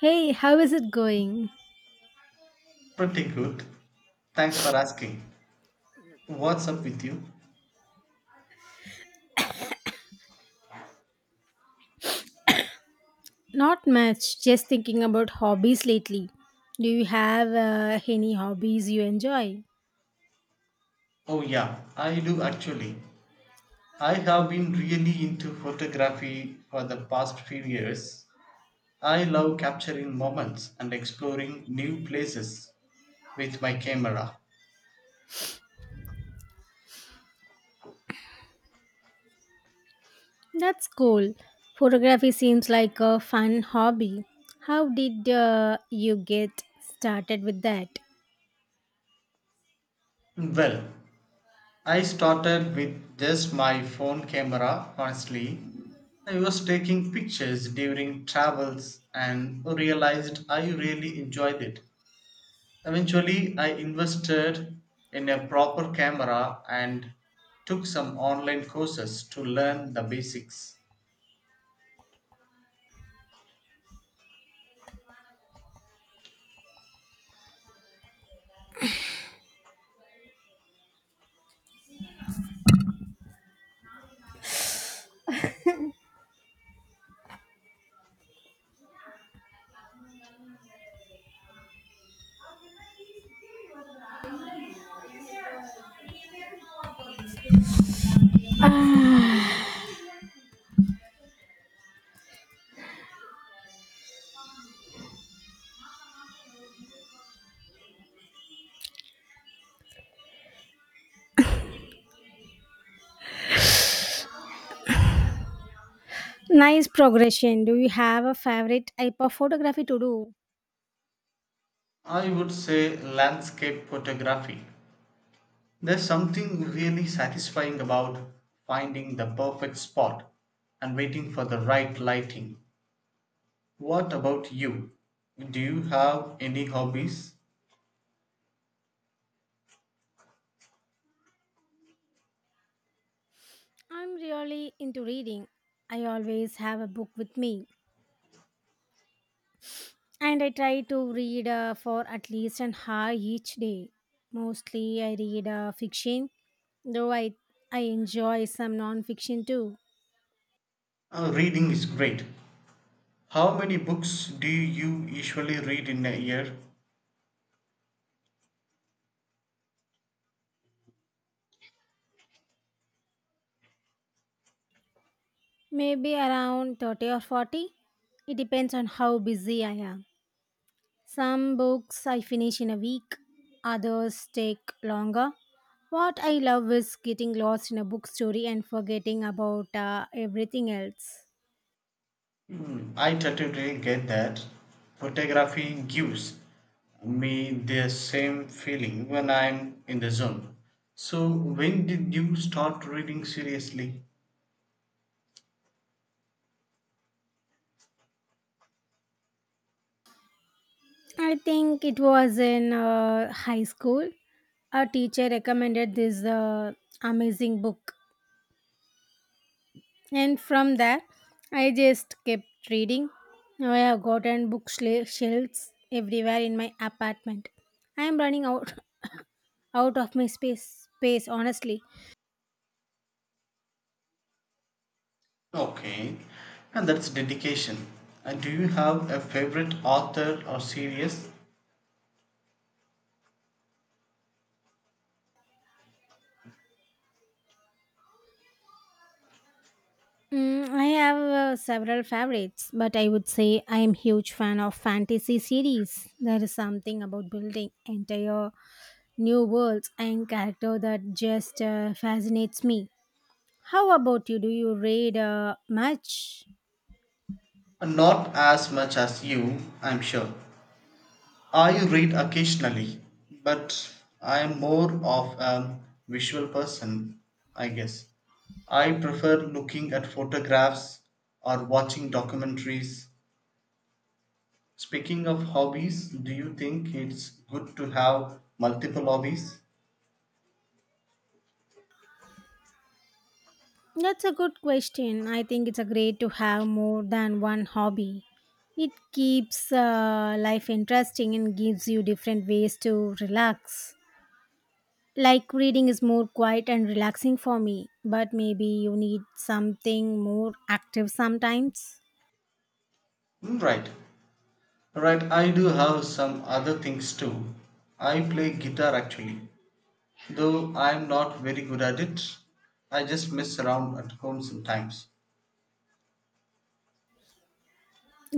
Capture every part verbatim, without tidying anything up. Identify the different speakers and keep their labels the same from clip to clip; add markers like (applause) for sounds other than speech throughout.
Speaker 1: Hey, how is it going?
Speaker 2: Pretty good. Thanks for asking. What's up with you?
Speaker 1: Not much, just thinking about hobbies lately. Do you have uh, any hobbies you enjoy?
Speaker 2: Oh, yeah, I do actually. I have been really into photography for the past few years. I love capturing moments and exploring new places with my camera.
Speaker 1: That's cool. Photography seems like a fun hobby. How did uh, you get started with that? (sighs)
Speaker 2: Well, I started with just my phone camera, honestly. I was taking pictures during travels and realized I really enjoyed it. Eventually, I invested in a proper camera and took some online courses to learn the basics.
Speaker 1: Ah, nice progression. Do you have a favorite type of photography to do?
Speaker 2: I would say landscape photography. There's something really satisfying about finding the perfect spot and waiting for the right lighting. What about you? Do you have any hobbies?
Speaker 1: I'm really into reading. I always have a book with me, and I try to read uh, for at least an hour each day. Mostly, I read uh, fiction, though I I enjoy some non-fiction too.
Speaker 2: Uh, reading is great. How many books do you usually read in a year?
Speaker 1: Maybe around thirty or forty. It depends on how busy I am. Some books I finish in a week, others take longer. What I love is getting lost in a book story and forgetting about uh, everything else.
Speaker 2: Hmm, I totally get that. Photography gives me the same feeling when I'm in the zone. So, when did you start reading seriously?
Speaker 1: I think it was in uh, high school. A teacher recommended this uh, amazing book, and from there, I just kept reading. Now I have gotten book shel- shelves everywhere in my apartment. I am running out (laughs) (coughs) out of my space. Space, honestly.
Speaker 2: Okay, and that's dedication. And do you have a favorite author or series?
Speaker 1: Mm, I have uh, several favorites, but I would say I am huge fan of fantasy series. There is something about building entire new worlds and character that just uh, fascinates me. How about you? Do you read uh, much?
Speaker 2: Not as much as you, I'm sure. I read occasionally, but I'm more of a visual person, I guess. I prefer looking at photographs or watching documentaries. Speaking of hobbies, do you think it's good to have multiple hobbies?
Speaker 1: That's a good question. I think it's a great to have more than one hobby. It keeps uh, life interesting and gives you different ways to relax. Like reading is more quiet and relaxing for me, but maybe you need something more active sometimes.
Speaker 2: Mm, right, right, I do have some other things too. I play guitar actually, though I'm not very good at it. I just mess around at home sometimes.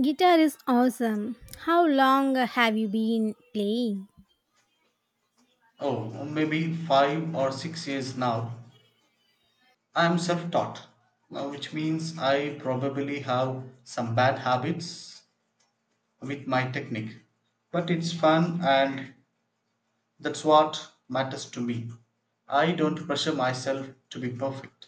Speaker 1: Guitar is awesome. How long have you been playing?
Speaker 2: Oh, maybe five or six years now. I'm self taught, which means I probably have some bad habits with my technique. But it's fun, and that's what matters to me. I don't pressure myself to be perfect.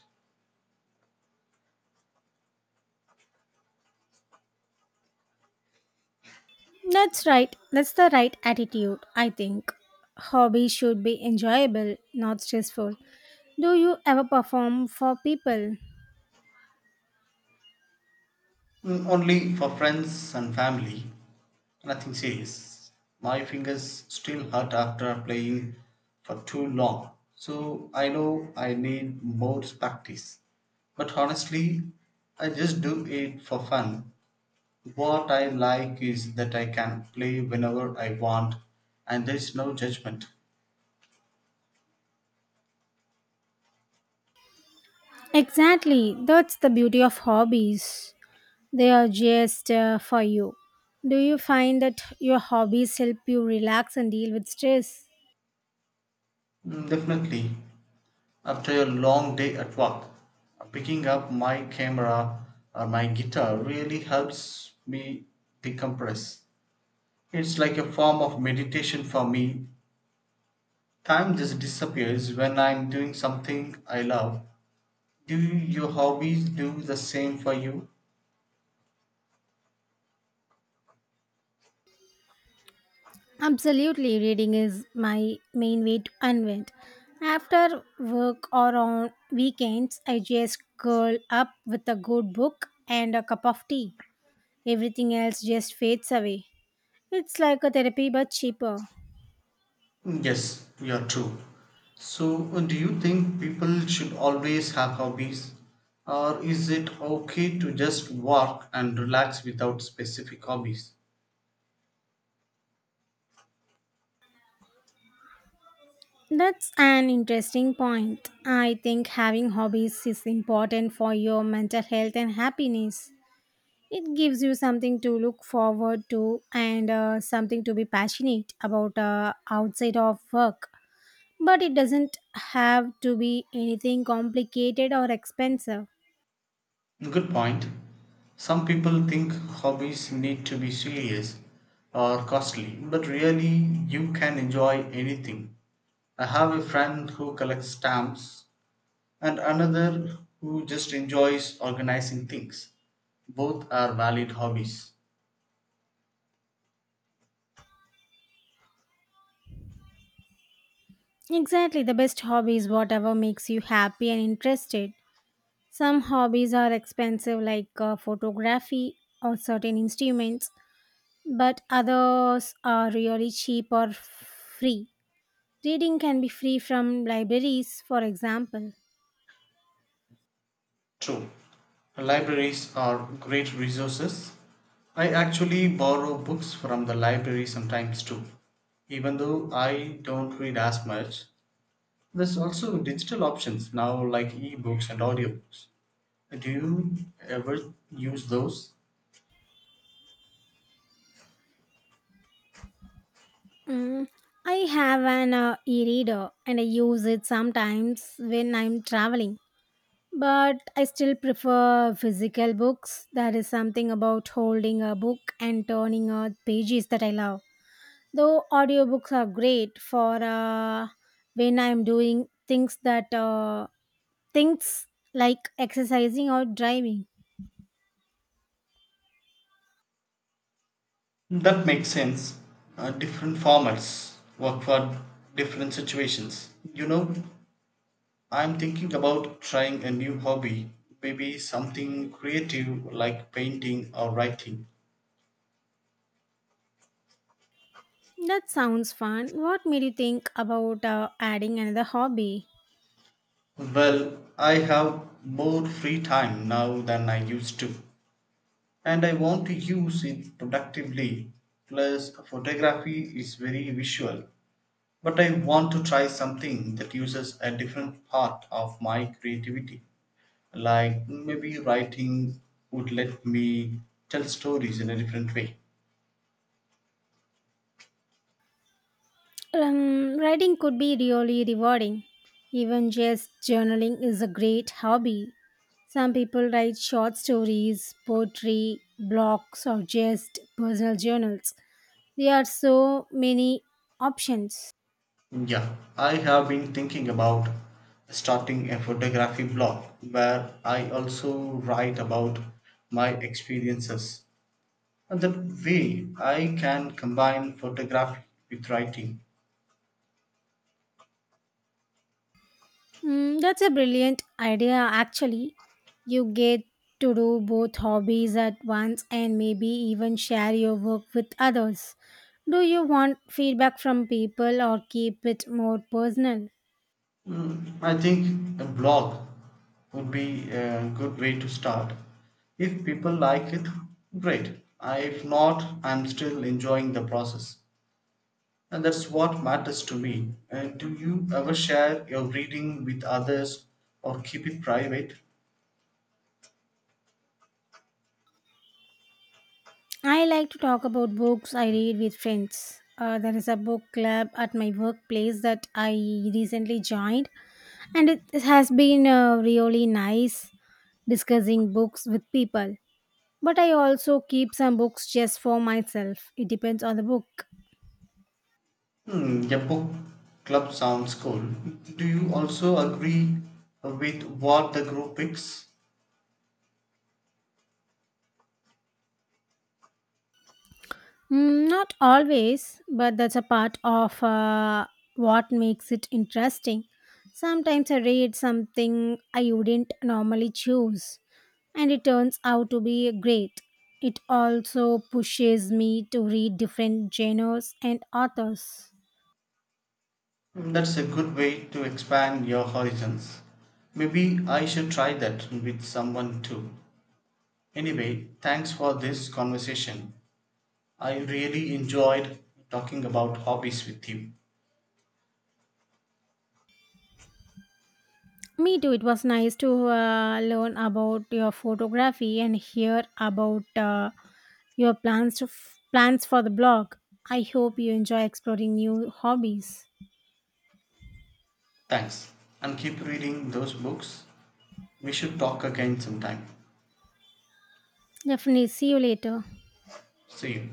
Speaker 1: That's right. That's the right attitude, I think. Hobbies should be enjoyable, not stressful. Do you ever perform for people?
Speaker 2: Mm, only for friends and family. Nothing serious. My fingers still hurt after playing for too long. So I know I need more practice. But honestly, I just do it for fun. What I like is that I can play whenever I want and there is no judgment.
Speaker 1: Exactly. That's the beauty of hobbies. They are just uh, for you. Do you find that your hobbies help you relax and deal with stress?
Speaker 2: Mm, definitely. After a long day at work, picking up my camera or my guitar really helps me decompress. It's like a form of meditation for me. Time just disappears when I'm doing something I love. Do your hobbies do the same for you?
Speaker 1: Absolutely, reading is my main way to unwind. After work or on weekends, I just curl up with a good book and a cup of tea. Everything else just fades away. It's like a therapy but cheaper.
Speaker 2: Yes, you're true. So, uh, do you think people should always have hobbies? Or is it okay to just work and relax without specific hobbies?
Speaker 1: That's an interesting point. I think having hobbies is important for your mental health and happiness. It gives you something to look forward to and uh, something to be passionate about uh, outside of work. But it doesn't have to be anything complicated or expensive.
Speaker 2: Good point. Some people think hobbies need to be serious or costly, but really, you can enjoy anything. I have a friend who collects stamps and another who just enjoys organizing things. Both are valid hobbies.
Speaker 1: Exactly, the best hobby is whatever makes you happy and interested. Some hobbies are expensive, like uh, photography or certain instruments, but others are really cheap or free. Reading can be free from libraries, for example.
Speaker 2: True. Libraries are great resources. I actually borrow books from the library sometimes too. Even though I don't read as much, there's also digital options now like ebooks and audiobooks. Do you ever use those?
Speaker 1: Mm, I have an uh, e reader and I use it sometimes when I'm traveling. But I still prefer physical books. There is something about holding a book and turning out pages that I love. Though audiobooks are great for uh, when I'm doing things that uh, things like exercising or driving.
Speaker 2: That makes sense. Uh, different formats work for different situations. You know, I'm thinking about trying a new hobby, maybe something creative like painting or writing.
Speaker 1: That sounds fun. What made you think about uh, adding another hobby?
Speaker 2: Well, I have more free time now than I used to, and I want to use it productively. Plus, photography is very visual, but I want to try something that uses a different part of my creativity. Like maybe writing would let me tell stories in a different way.
Speaker 1: Um, writing could be really rewarding. Even just journaling is a great hobby. Some people write short stories, poetry, blogs, or just personal journals. There are so many options.
Speaker 2: Yeah, I have been thinking about starting a photography blog where I also write about my experiences. And that way I can combine photography with writing.
Speaker 1: Mm, that's a brilliant idea, actually. You get to do both hobbies at once and maybe even share your work with others. Do you want feedback from people or keep it more personal?
Speaker 2: Mm, I think a blog would be a good way to start. If people like it, great. I- If not, I'm still enjoying the process. And that's what matters to me. And do you ever share your reading with others or keep it private?
Speaker 1: I like to talk about books I read with friends. Uh, there is a book club at my workplace that I recently joined, and it has been uh, really nice discussing books with people. But I also keep some books just for myself. It depends on the book.
Speaker 2: Hmm, your book club sounds cool. Do you also agree with what the group picks?
Speaker 1: Mm, not always, but that's a part of uh, what makes it interesting. Sometimes I read something I wouldn't normally choose, and it turns out to be great. It also pushes me to read different genres and authors.
Speaker 2: Mm, that's a good way to expand your horizons. Maybe I should try that with someone too. Anyway, thanks for this conversation. I really enjoyed talking about hobbies with you.
Speaker 1: Me too, it was nice to uh, learn about your photography and hear about uh, your plans, to f- plans for the blog. I hope you enjoy exploring new hobbies.
Speaker 2: Thanks. And keep reading those books. We should talk again sometime.
Speaker 1: Definitely. See you later.
Speaker 2: See you.